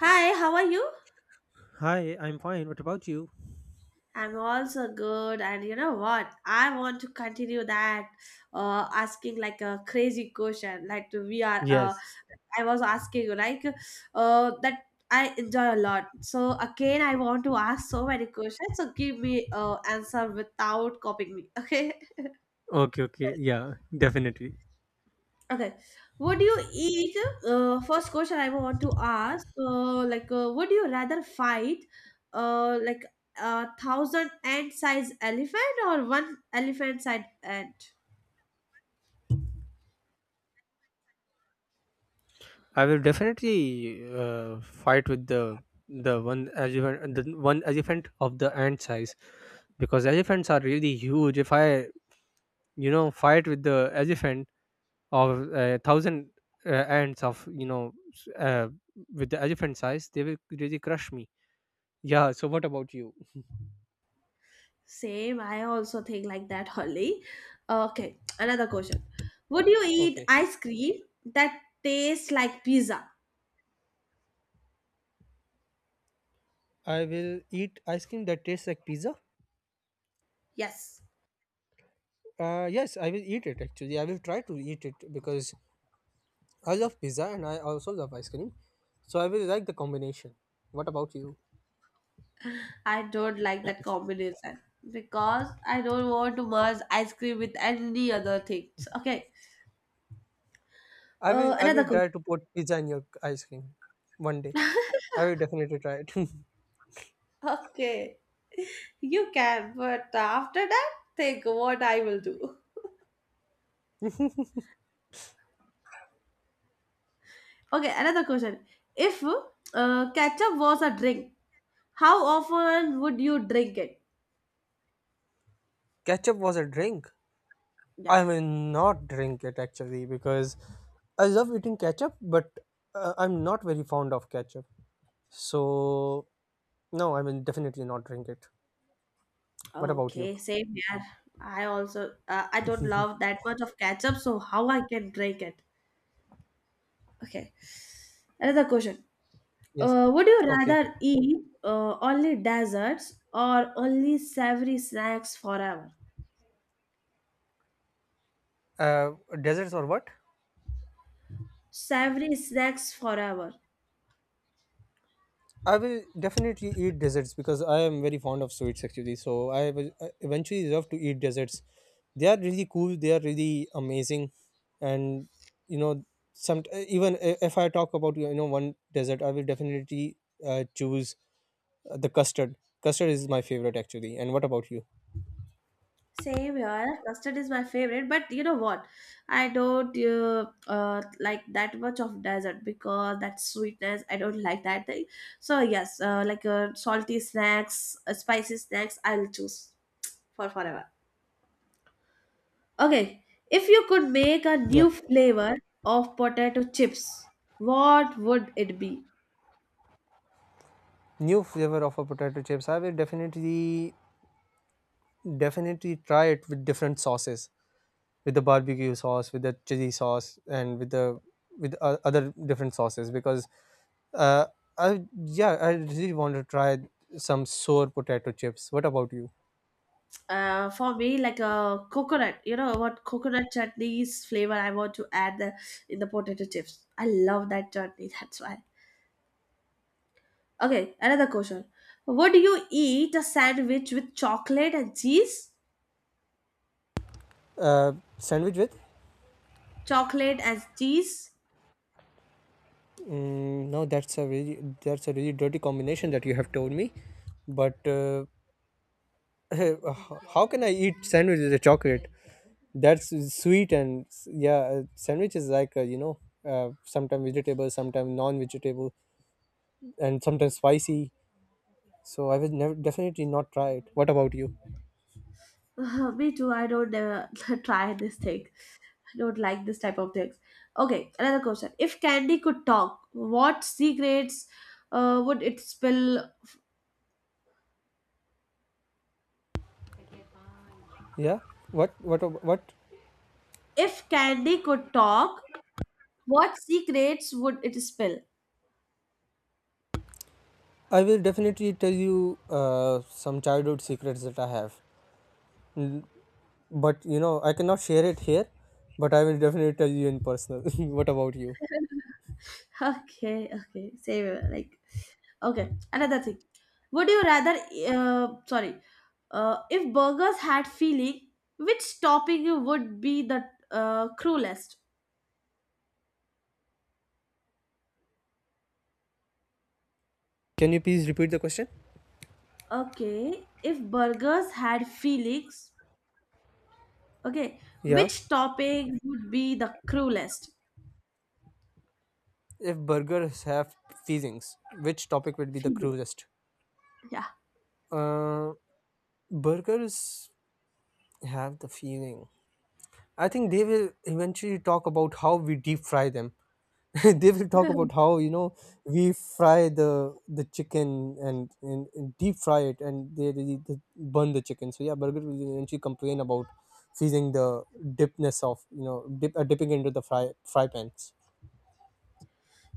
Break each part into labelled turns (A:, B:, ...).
A: Hi, how are you?
B: Hi, I'm fine. What about you?
A: I'm also good, and you know what? I want to continue that asking like a crazy question. Like we are,
B: Yes.
A: I was asking you like that I enjoy a lot. So again, I want to ask so many questions. So give me answer without copying me. Okay.
B: Okay. Okay. Yeah. Definitely.
A: Okay. Would you eat? First question I want to ask. Like, would you rather fight, like 1,000 ant-sized elephant or one elephant-sized ant?
B: I will definitely fight with the one elephant, the one elephant of the ant size, because elephants are really huge. If I fight with the elephant of thousand ants of with the elephant size, they will really crush me. Yeah. So what about you?
A: Same. I also think like that, Holly. Okay. Another question. Would you eat
B: Okay.
A: ice cream that tastes like pizza?
B: I will eat ice cream that tastes like pizza.
A: Yes.
B: Yes, I will eat it actually. I will try to eat it because I love pizza and I also love ice cream. So I will like the combination. What about you?
A: I don't like that combination because I don't want to merge ice cream with any other things. Okay.
B: I will I
A: Another
B: will
A: question.
B: try to put pizza in your ice cream one day. I will definitely try it.
A: Okay, you can, but after that, think what I will do. Okay, another question. If ketchup was a drink, how often would you drink it?
B: Ketchup was a drink.
A: Yeah.
B: I will not drink it actually because I love eating ketchup, but I'm not very fond of ketchup. So no, I will definitely not drink it. What about you?
A: Okay, same here. I also I don't love that much of ketchup, so how I can drink it? Okay, another question.
B: Yes.
A: Would you
B: Okay.
A: rather eat only desserts or only savory snacks forever?
B: Uh, Desserts or what?
A: Savory snacks forever.
B: I will definitely eat desserts because I am very fond of sweets actually. So I will eventually love to eat desserts. They are really cool. They are really amazing, and you know, some if I talk about one dessert, I will definitely choose the custard. Custard is my favorite actually. And what about you?
A: Same here. Custard is my favorite, but you know what? I don't like that much of dessert because that sweetness. I don't like that thing. So yes, like salty snacks, spicy snacks. I'll choose for forever. Okay, if you could make a
B: Yeah,
A: new flavor of potato chips, what would it be?
B: new flavor of a potato chips. I will definitely try it with different sauces, with the barbecue sauce, with the chili sauce, and with the other different sauces because uh, I, yeah, I really want to try some sour potato chips. What about you?
A: For me, like a coconut. You know what? Coconut chutney's flavor. I want to add in the potato chips. I love that chutney. That's why. Okay, another question. Would you eat a sandwich with chocolate and cheese?
B: Uh, sandwich with?
A: Chocolate and cheese?
B: Mm, no, that's a really dirty combination that you have told me. But how can I eat sandwich with a chocolate? That's sweet and yeah, sandwich is like sometimes vegetable, sometimes non-vegetable, and sometimes spicy. So I will never definitely not try it. What about you?
A: me too. I don't try this thing. I don't like this type of things. Okay, another question. If candy could talk, what secrets would it spill?
B: Yeah. What?
A: If candy could talk, what secrets would it spill?
B: I will definitely tell you some childhood secrets that I have. Mm, but you know I cannot share it here. But I will definitely tell you in personal. What about you?
A: Okay, okay, save it, like okay. Another thing, would you rather? Sorry, if burgers had feeling, which topping would be the cruelest?
B: Can you please repeat the question?
A: Okay, if burgers had feelings, okay,
B: Yeah.
A: which topping would be the cruelest?
B: If burgers have feelings, which topic would be the
A: Feeling,
B: cruelest?
A: yeah.
B: Uh, burgers have the feeling. I think they will eventually talk about how we deep fry them. They will talk about how we fry the chicken and, and deep fry it and they burn the chicken, so yeah, burger will eventually complain about feeling the dipness of dipping into the fry pans.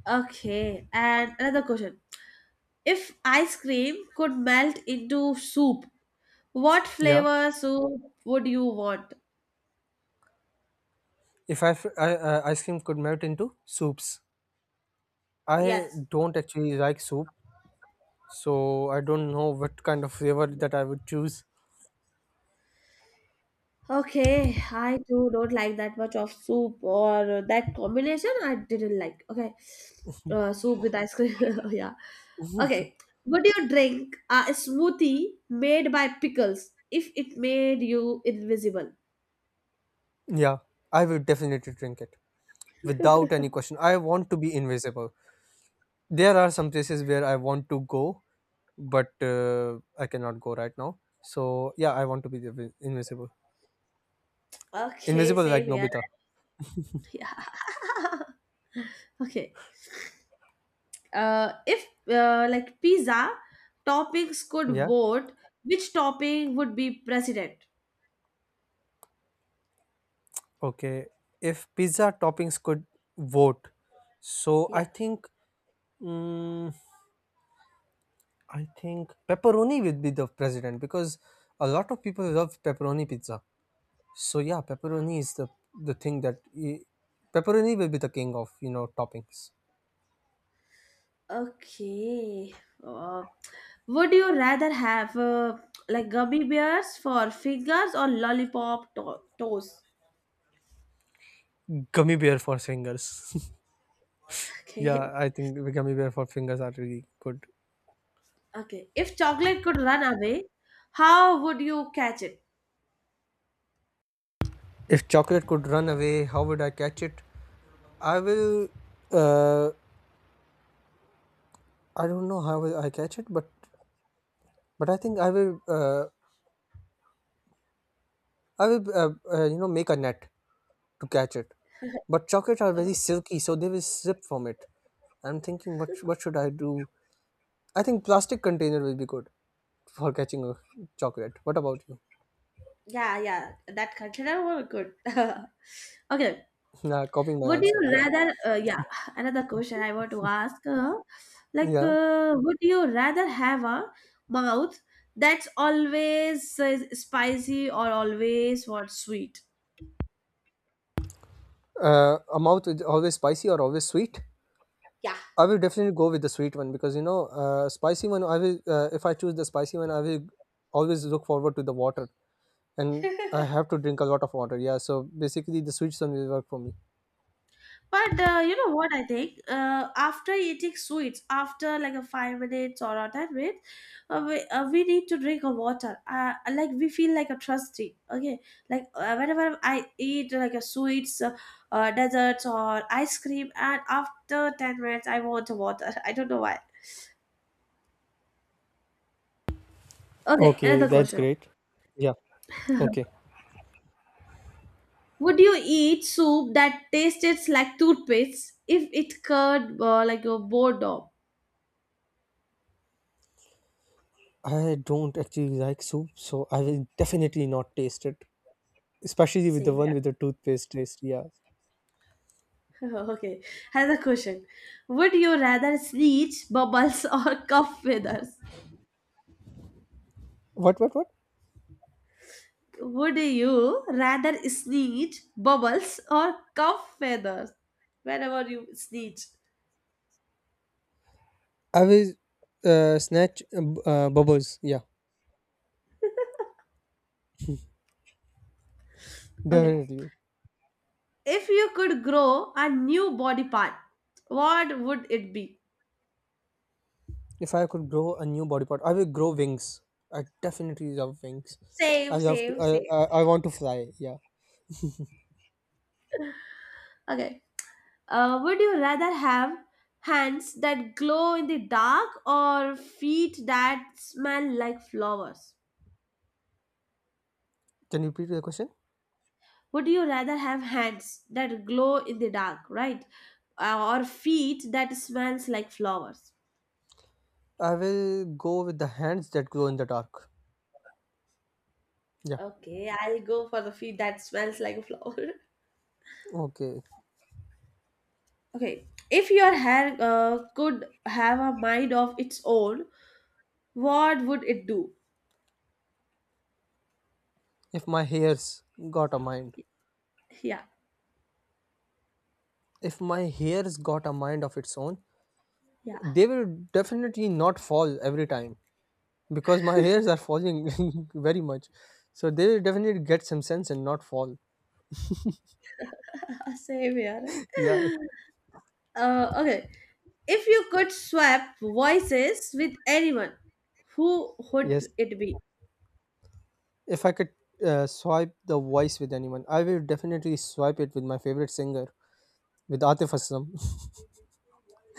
A: Okay, and another question. If ice cream could melt into soup, what
B: Yeah,
A: flavor soup would you want?
B: if ice cream could melt into soups, I
A: Yes.
B: don't actually like soup, so I don't know what kind of flavor that I would choose.
A: Okay, I too don't like that much of soup or that combination. I didn't like. Okay, soup with ice cream. yeah. Okay, would you drink a smoothie made by pickles if it made you invisible?
B: Yeah, I will definitely drink it. Without any question, I want to be invisible. There are some places where I want to go, but I cannot go right now. So yeah, I want to be the invisible.
A: Okay,
B: Invisible
A: same
B: like
A: here.
B: Nobita.
A: Yeah. okay. If like pizza toppings could
B: Yeah.
A: vote, which topping would be president?
B: Okay. If pizza toppings could vote, so I
A: Yeah.
B: think, mm, I think pepperoni would be the president because a lot of people love pepperoni pizza. So yeah, pepperoni is the the thing that i- pepperoni will be the king of toppings.
A: Okay. Uh, would you rather have like gummy bears for fingers or lollipop toes?
B: Gummy bear for singers.
A: Okay.
B: Yeah, I think Wigami Bear for fingers are really good.
A: Okay. If chocolate could run away, how would you catch it?
B: If chocolate could run away, how would I catch it? I will. Uh, I don't know how will I catch it, but I think I will. I will. You know, make a net to catch it. But chocolate are very silky, so they will slip from it. I'm thinking, what should I do? I think plastic container will be good for catching a chocolate. What about you?
A: Yeah, yeah. That consider were good. okay.
B: Nah, copying my
A: Would
B: answer.
A: you
B: Yeah,
A: rather? Yeah. Another question I want to ask. Like,
B: yeah.
A: would you rather have a mouth that's always spicy or always what sweet?
B: A mouth is always spicy or always sweet.
A: Yeah.
B: I will definitely go with the sweet one because spicy one. I will if I choose the spicy one, I will always look forward to the water, and I
A: But
B: have to drink a lot of water. Yeah, so basically, the sweet one will work for me.
A: you know what I think? After eating sweets, after like a 5 minutes or a 10 minutes, we, we need to drink a water. Like we feel like a trusty. Okay, like whenever I eat like a sweets, desserts or ice cream, and after 10 minutes I want a water. I don't know why. Okay,
B: Okay,
A: another
B: that's
A: question.
B: great. Yeah. Okay.
A: Would you eat soup that tasted like toothpaste if it curd like a boredom?
B: I don't actually like soup, so I will definitely not taste it, especially with the
A: Same
B: one
A: here.
B: with the toothpaste taste. Yeah.
A: Okay, has a question. Would you rather sneeze bubbles or cough feathers?
B: What?
A: Would you rather sneeze bubbles or cough feathers whenever you sneeze?
B: I will snatch bubbles. Yeah,
A: Okay,
B: definitely.
A: if you could grow a new body part, what would it be?
B: If I could grow a new body part, I will grow wings. I definitely love wings. I
A: Same,
B: love to.
A: same, same.
B: I want to fly. Yeah.
A: Okay, would you rather have hands that glow in the dark or feet that smell like flowers?
B: Can you repeat the question?
A: Would you rather have hands that glow in the dark, right? Or feet that smells like flowers?
B: I will go with the hands that glow in the dark. Yeah.
A: Okay, I'll go for the feet that smells like a flower.
B: Okay.
A: okay, if your hair could have a mind of its own, what would it do?
B: If my hairs got a mind,
A: Yeah,
B: if my hairs got a mind of its own,
A: yeah,
B: they will definitely not fall every time because my hairs are falling very much. So they will definitely get some sense and not fall.
A: same here.
B: Yeah.
A: Okay, if you could swap voices with anyone, who
B: Yes.
A: would it be?
B: If I could swipe the voice with anyone, I will definitely swipe it with my favorite singer, with Atif Aslam.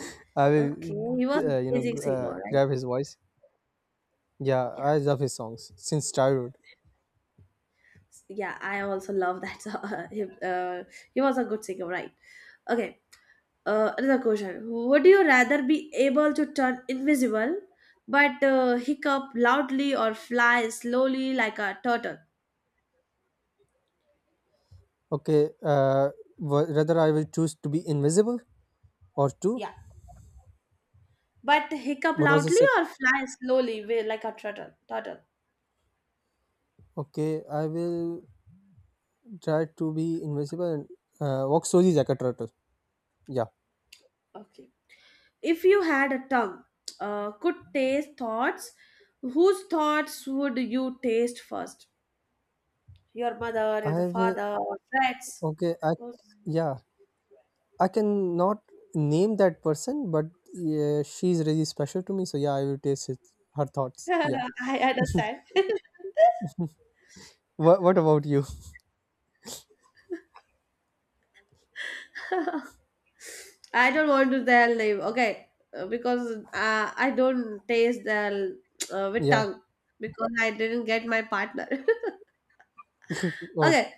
B: I will,
A: Okay, he
B: g-
A: was an
B: uh, you know,
A: amazing
B: g- uh,
A: singer, right?
B: grab his voice. Yeah,
A: Yeah.
B: I love his songs since childhood.
A: Yeah, I also love that song. Uh, he was a good singer, right? Okay. Another question. Would you rather be able to turn invisible, but hiccup loudly or fly slowly like a turtle.
B: Okay, rather I will choose to be invisible or two.
A: Yeah. But hiccup
B: What was the
A: loudly
B: second?
A: or fly slowly like a turtle.
B: Okay, I will try to be invisible and walk slowly like a turtle. Yeah,
A: Okay, if you had a tongue could taste thoughts, whose thoughts would you taste first, your mother, your the
B: I will.
A: father, or friends?
B: Okay, I yeah. I can not name that person, but yeah, she's really special to me. So yeah, I will taste it, her thoughts.
A: Yeah,
B: Yeah.
A: I understand.
B: What about you?
A: I don't want to tell name. Okay, because I don't taste the with
B: Yeah.
A: tongue because I didn't get my partner.
B: Oh,
A: okay,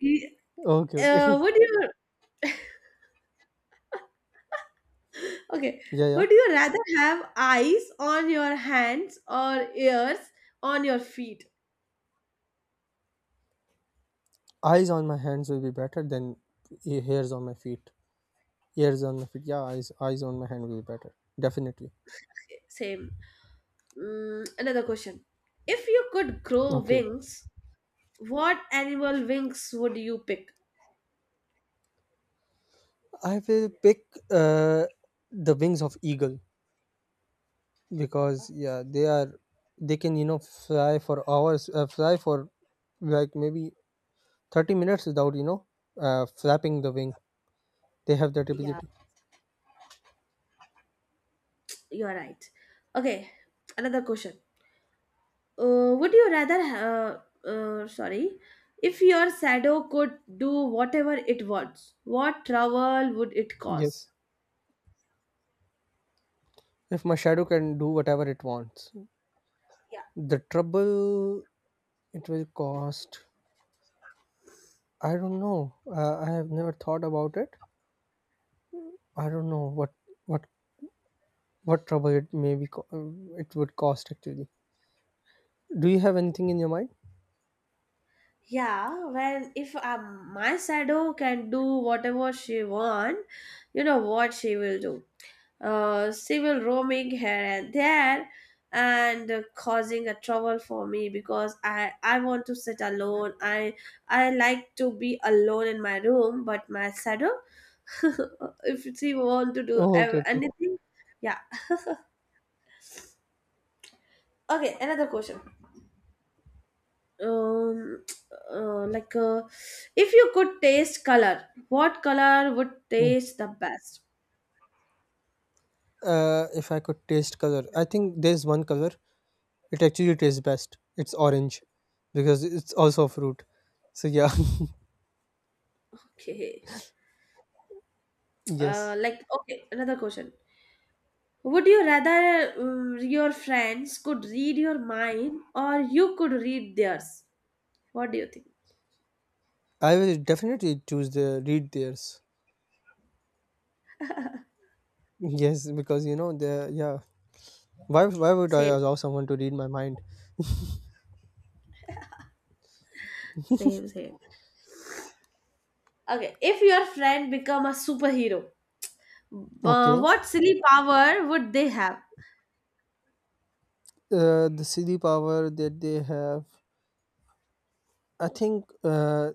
A: y-
B: okay. Okay.
A: would you? Okay,
B: yeah. Yeah.
A: would you rather have eyes on your hands or ears on your feet?
B: Eyes on my hands will be better than e- hairs on my feet. ears on my feet. Yeah. Eyes on my hand will be better. Definitely.
A: Okay, same. Another question. If you could grow
B: Okay.
A: wings, what animal wings would you pick?
B: I will pick uh the wings of eagle because yeah they are, they can fly for hours, fly for like maybe 30 minutes without flapping the wing. They have that
A: Yeah.
B: ability.
A: You're right. Okay, another question. Would you rather, sorry, if your shadow could do whatever it wants, what trouble would it cause?
B: Yes, if my shadow can do whatever it wants,
A: Yeah,
B: the trouble it will cost, I don't know. I have never thought about it. I don't know what what trouble it may it would cost actually. Do you have anything in your mind?
A: yeah. Well, if my shadow can do whatever she want, you know what she will do. Civil roaming here and there, and causing a trouble for me, because I want to sit alone. I like to be alone in my room, but my shadow if she want to do
B: Oh, okay, okay.
A: anything. Yeah. Okay, another question. um like, if you could taste color, what color would
B: Yeah.
A: taste the best?
B: If I could taste color, I think there's one color it actually tastes best. It's orange, because it's also a fruit. So yeah.
A: Okay.
B: Yes.
A: Like, okay, another question. Would you rather your friends could read your mind or you could read theirs? What do you think?
B: I will definitely choose the read theirs. Yes, because you know the, yeah. Why would I
A: Say it.
B: allow someone to read my mind?
A: Same, same. Okay, if your friend become a superhero,
B: Okay,
A: what silly power would they have?
B: the silly power that they have. I think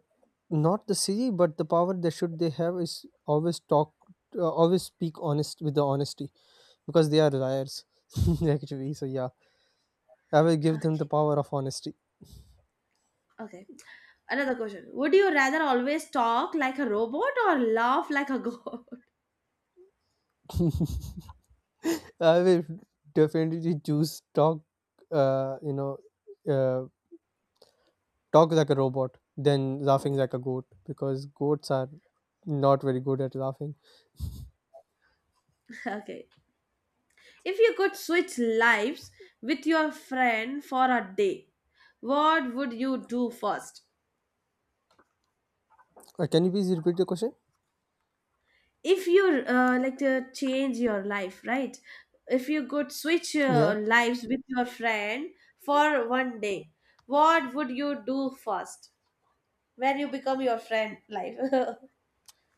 B: not the silly, but the power that should they have is always talk, always speak honest with the honesty, because they are liars actually. So yeah, I will give them the
A: Okay,
B: power of honesty.
A: okay. Another question. Would you rather always talk like a robot or laugh like a god?
B: I will definitely choose talk. Uh, you know. uh, Talk like a robot than laughing like a goat because goats are not very good at laughing.
A: okay. If you could switch lives with your friend for a day, what would you do first?
B: Can you please repeat the question?
A: If you like to change your life, right? If you could switch
B: Yeah,
A: lives with your friend for one day, what would you do first when you become your friend life?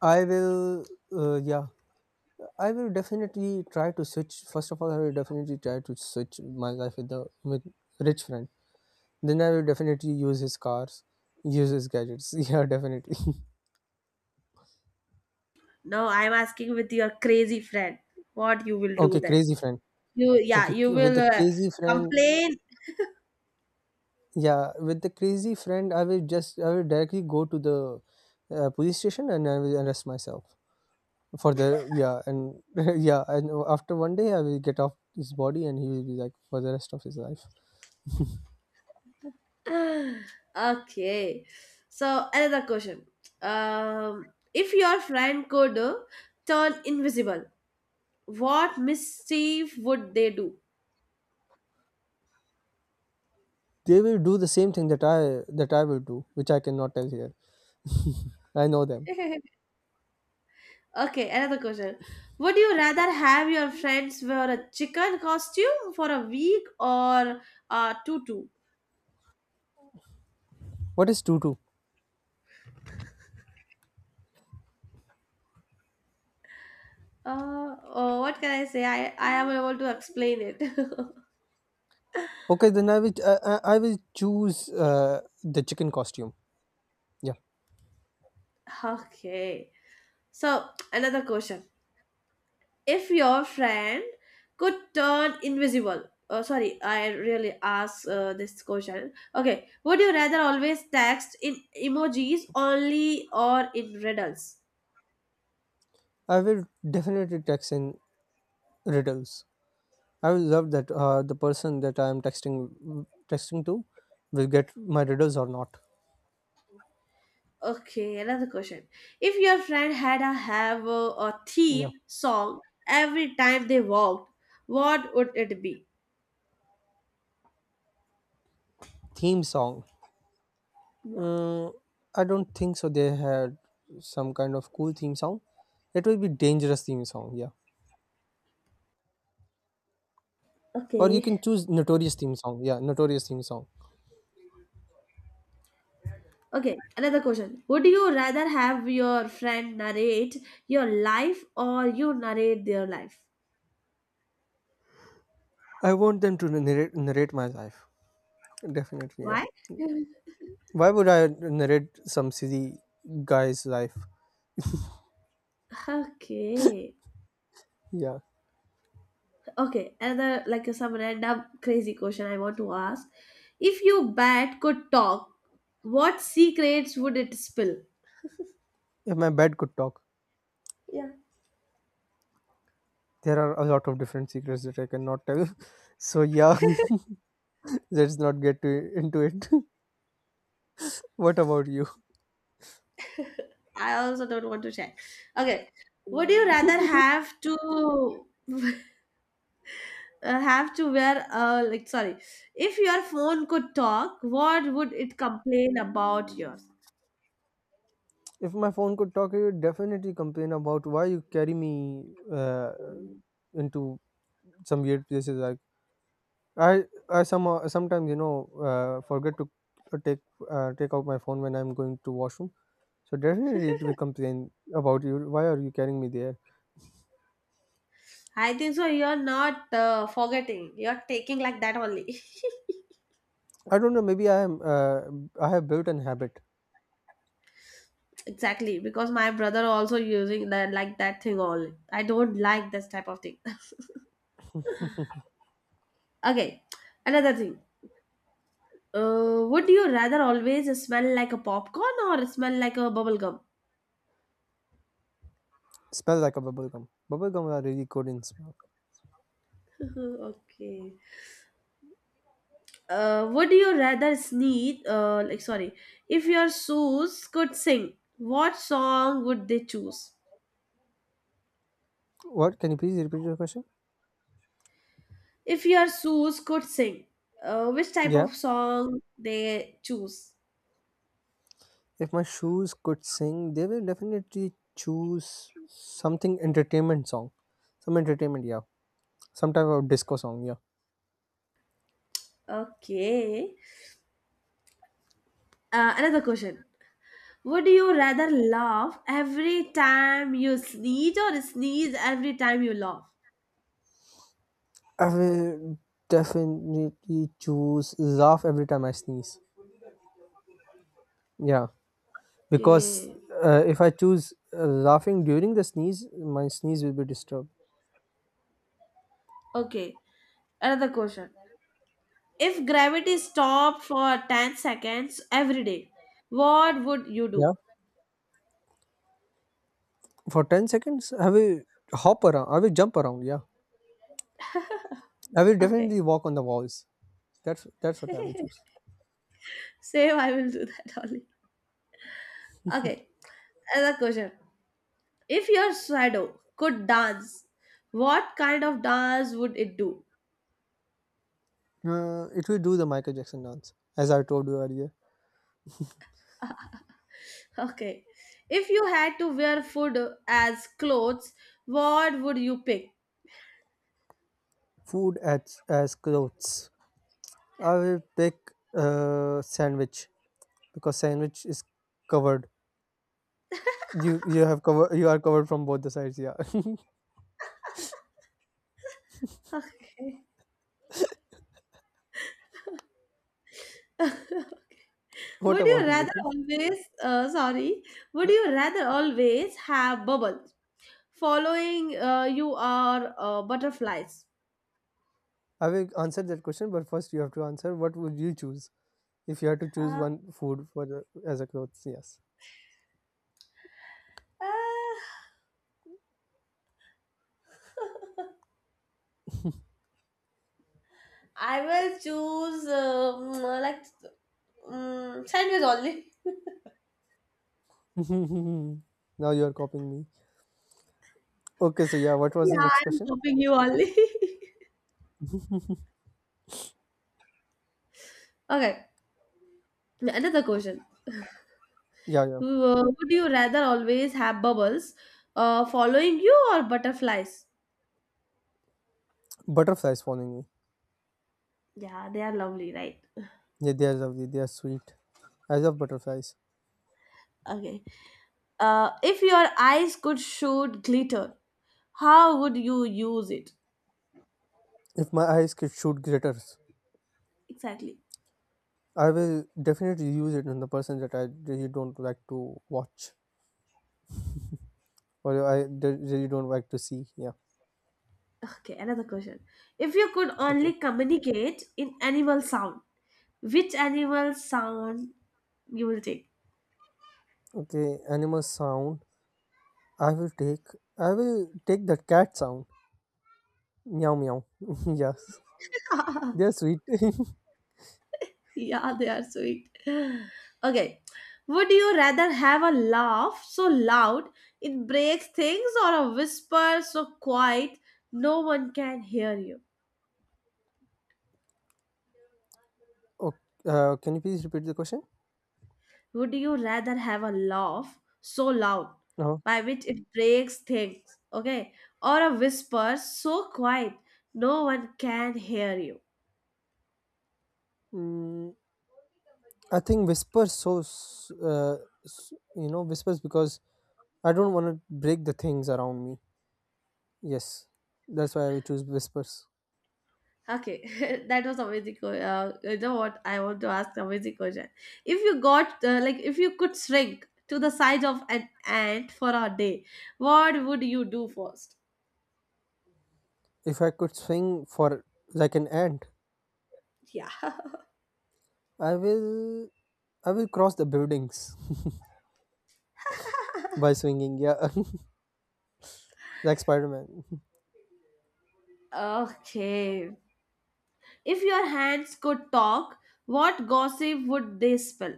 B: I will. Yeah, I will definitely try to switch. First of all, I will definitely try to switch my life with the with rich friend. Then I will definitely use his cars, use his gadgets. Yeah, definitely.
A: no, I'm asking with your crazy friend, what you will do
B: Okay,
A: then?
B: crazy friend.
A: You, yeah,
B: Okay,
A: you
B: with
A: will
B: the crazy friend.
A: complain.
B: Yeah, with the crazy friend, I will directly go to the police station and I will arrest myself, for the, yeah. And yeah, and after one day I will get off his body and he will be like for the rest of his life.
A: Okay, so another question. If your friend could turn invisible, what mischief would they do?
B: They will do the same thing that I will do, which I cannot tell here. I know them.
A: okay, another question. Would you rather have your friends wear a chicken costume for a week or a tutu?
B: What is tutu?
A: Oh, what can I say? I am able to explain it.
B: Okay, then I will choose the chicken costume. Yeah,
A: okay. So, another question. If your friend could turn invisible, oh, sorry, I really asked this question. Okay. Would you rather always text in emojis only or in riddles?
B: I will definitely text in riddles. I will love that the person that I am texting to will get my riddles or not.
A: Okay, another question. If your friend had a
B: Yeah,
A: theme song every time they walked, what would it be?
B: theme song.
A: Yeah.
B: Mm, I don't think so. They had some kind of cool theme song. It will be dangerous theme song, yeah. Or you can
A: Okay.
B: choose notorious theme song, yeah, notorious theme song.
A: Okay, another question. Would you rather have your friend narrate your life or you narrate their life?
B: I want them to narrate my life. Definitely, yeah.
A: Why?
B: Why would I narrate some silly guy's life?
A: Okay.
B: Yeah.
A: Okay, another like some random crazy question I want to ask. If your bat could talk, what secrets would it spill?
B: If my bed could talk,
A: Yeah.
B: there are a lot of different secrets that I cannot tell. So yeah, let's not get to, into it. What about you?
A: I also don't want to share. Okay, would you rather have to wear like, sorry, if your phone could talk, what would it complain about yours?
B: If my phone could talk, it would definitely complain about why you carry me uh, into some weird places. Like I somehow sometimes forget to take take out my phone when I'm going to washroom. So definitely it will complain about you. Why are you carrying me there?
A: I think so. You're not forgetting. You're taking like that only.
B: I don't know. Maybe I am. I have built an habit.
A: exactly because my brother also using that like that thing only. I don't like this type of thing. Okay, another thing. Would you rather always smell like a popcorn or smell like a bubble gum?
B: Smell like a bubble gum. Bubble gum are really good in smell.
A: okay. Would you rather sneeze? Like, sorry, if your shoes could sing, what song would they choose?
B: What? Can you please repeat your question?
A: If your shoes could sing, which type
B: Yeah.
A: of song they choose?
B: If my shoes could sing, they will definitely choose something entertainment song. Some entertainment, yeah. Some type of disco song, yeah.
A: Okay. Another question. Would you rather laugh every time you sneeze or sneeze every time you laugh?
B: I will definitely choose laugh every time I sneeze. Yeah, because
A: Okay.
B: if I choose laughing during the sneeze, my sneeze will be disturbed.
A: Okay. Another question. If gravity stopped for 10 seconds every day, what would you
B: Yeah,
A: do?
B: for 10 seconds, I will hop around. I will jump around. Yeah, I will
A: Okay.
B: definitely walk on the walls. That's what I will choose.
A: Same, I will do that only. Okay. Another question. If your shadow could dance, what kind of dance would it do?
B: It will do the Michael Jackson dance, as I told you earlier.
A: Okay. If you had to wear food as clothes, what would you pick?
B: Food as clothes. I will pick sandwich because sandwich is covered. You have cover you are covered from both the sides. Yeah.
A: Okay.
B: What
A: Would you
B: about you?
A: rather always, sorry, would
B: No,
A: you rather always have bubbles following you or butterflies?
B: I will answer that question, but first you have to answer. What would you choose if you had to choose
A: Uh,
B: one food for the, as a clothes? Yes.
A: ah. I will choose like sandwich only.
B: Now you are copying me. Okay. So yeah, what was the
A: Yeah,
B: next
A: I'm
B: question?
A: copying you only. okay, another question.
B: Yeah, yeah.
A: Would you rather always have bubbles following you or butterflies?
B: Butterflies following me.
A: Yeah, they are lovely, right?
B: Yeah, they are lovely. They are sweet. I love butterflies.
A: Okay. If your eyes could shoot glitter, how would you use it?
B: If my eyes could shoot glitters,
A: Exactly.
B: I will definitely use it on the person that I really don't like to watch or really don't like to see. Yeah.
A: Okay, another question. If you could only
B: Okay.
A: communicate in animal sound, which animal sound you will take.
B: Okay. Animal sound. I will take. I will take that cat sound. Meow meow. Yes. They are sweet.
A: yeah, they are sweet. Okay. Would you rather have a laugh so loud it breaks things or a whisper so quiet no one can hear you?
B: Oh, can you please repeat the question?
A: Would you rather have a laugh so loud
B: No.
A: by which it breaks things, okay, or a whisper so quiet no one can hear you?
B: Mm, I think whispers. You know, whispers because I don't want to break the things around me. Yes, that's why I will choose Whispers.
A: Okay, that was amazing. You know what? I want to ask amazing question. If you got if you could shrink to the size of an ant for a day, what would you do first?
B: If I could swing for like an ant,
A: Yeah.
B: I will I will cross the buildings by swinging. Yeah, like Spider Man.
A: Okay. If your hands could talk, what gossip would they spell?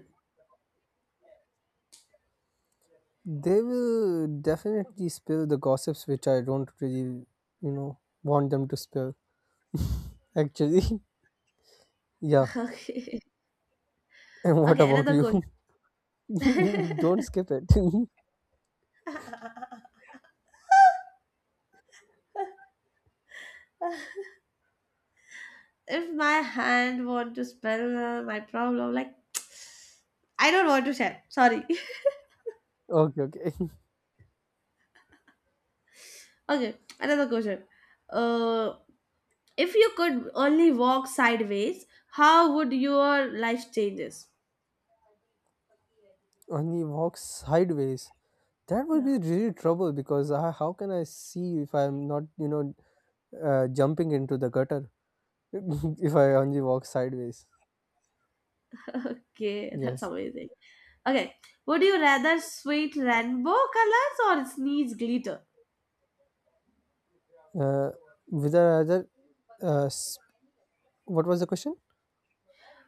B: They will definitely spill the gossips which I don't really, you know, want them to spill. Actually, yeah.
A: Okay.
B: And what
A: Okay,
B: about
A: another
B: you?
A: question.
B: Don't skip it.
A: If my hand want to spell my problem, like I don't want to share. Sorry.
B: Okay, okay.
A: Okay, another question. Uh. If you could only walk sideways, how would your life changes?
B: Only walk sideways. That would
A: Yeah.
B: be really trouble because I, how can I see if I'm not, you know, jumping into the gutter if I only walk sideways.
A: Okay, that's
B: Yes.
A: amazing. Okay, would you rather sweat rainbow colors or sneeze glitter?
B: Uh, with the other, s- What was the question?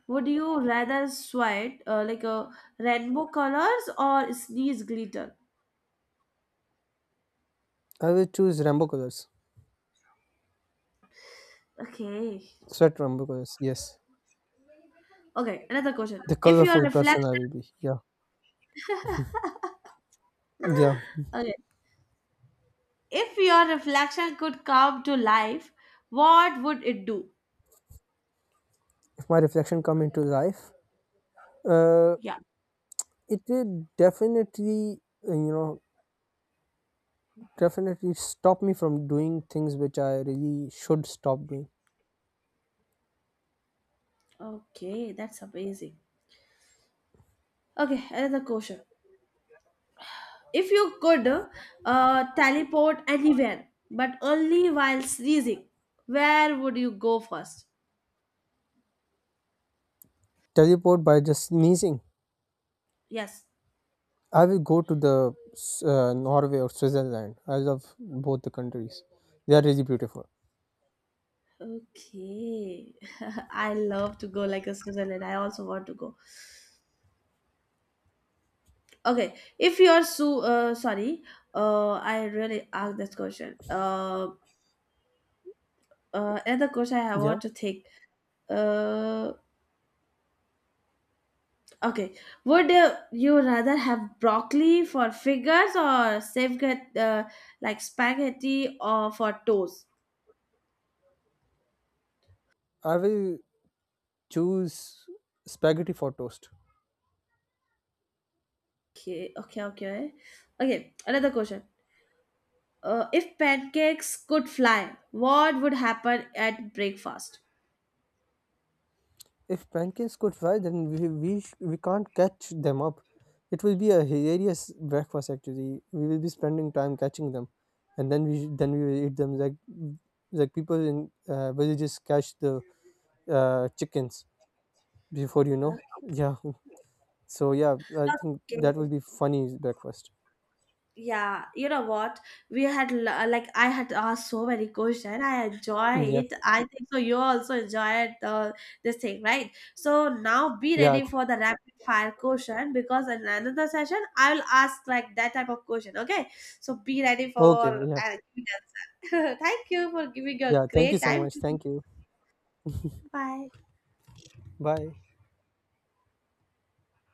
A: Would you rather sweat like a rainbow colors or sneeze glitter?
B: I will choose rainbow colors,
A: Okay.
B: sweat rainbow colors. Yes,
A: Okay, another question.
B: the colorful person I will be. Yeah, yeah.
A: Okay, if your reflection could come to life, what would it do?
B: If my reflection come into life, uh,
A: Yeah.
B: it will definitely, you know, definitely stop me from doing things which I really should stop doing.
A: Okay, that's amazing. Okay, another question. If you could teleport anywhere, but only while sneezing, where would you go first?
B: Teleport by just sneezing.
A: Yes.
B: I will go to the Norway or Switzerland. I love both the countries. They are really beautiful.
A: Okay. I love to go like a Switzerland. I also want to go. Okay. If you're so sorry, I really asked this question. Another question I
B: Yeah,
A: want to take. Uh, okay. Would you rather have broccoli for fingers or safeguard like spaghetti or for toes?
B: I will choose spaghetti for toast.
A: Okay, okay, okay. Okay, another question. If pancakes could fly, what would happen at breakfast?
B: If pancakes go fry, then we can't catch them up. It will be a hilarious breakfast. Actually, we will be spending time catching them, and then we will eat them like people in villages catch the chickens before you know. Yeah, so yeah, I think that will
A: Okay.
B: be funny breakfast.
A: Yeah, you know what? We like I had asked so many questions. I enjoy
B: Yeah.
A: it. I think so. You also enjoyed this thing, right? So now be
B: Yeah.
A: ready for the rapid fire question because in another session I will ask like that type of question. Okay, so be ready
B: Okay.
A: for
B: Yeah.
A: giving answer. Thank you for giving your
B: Yeah. Thank you
A: great
B: so
A: time
B: much.
A: to me.
B: Thank you.
A: Bye.
B: Bye.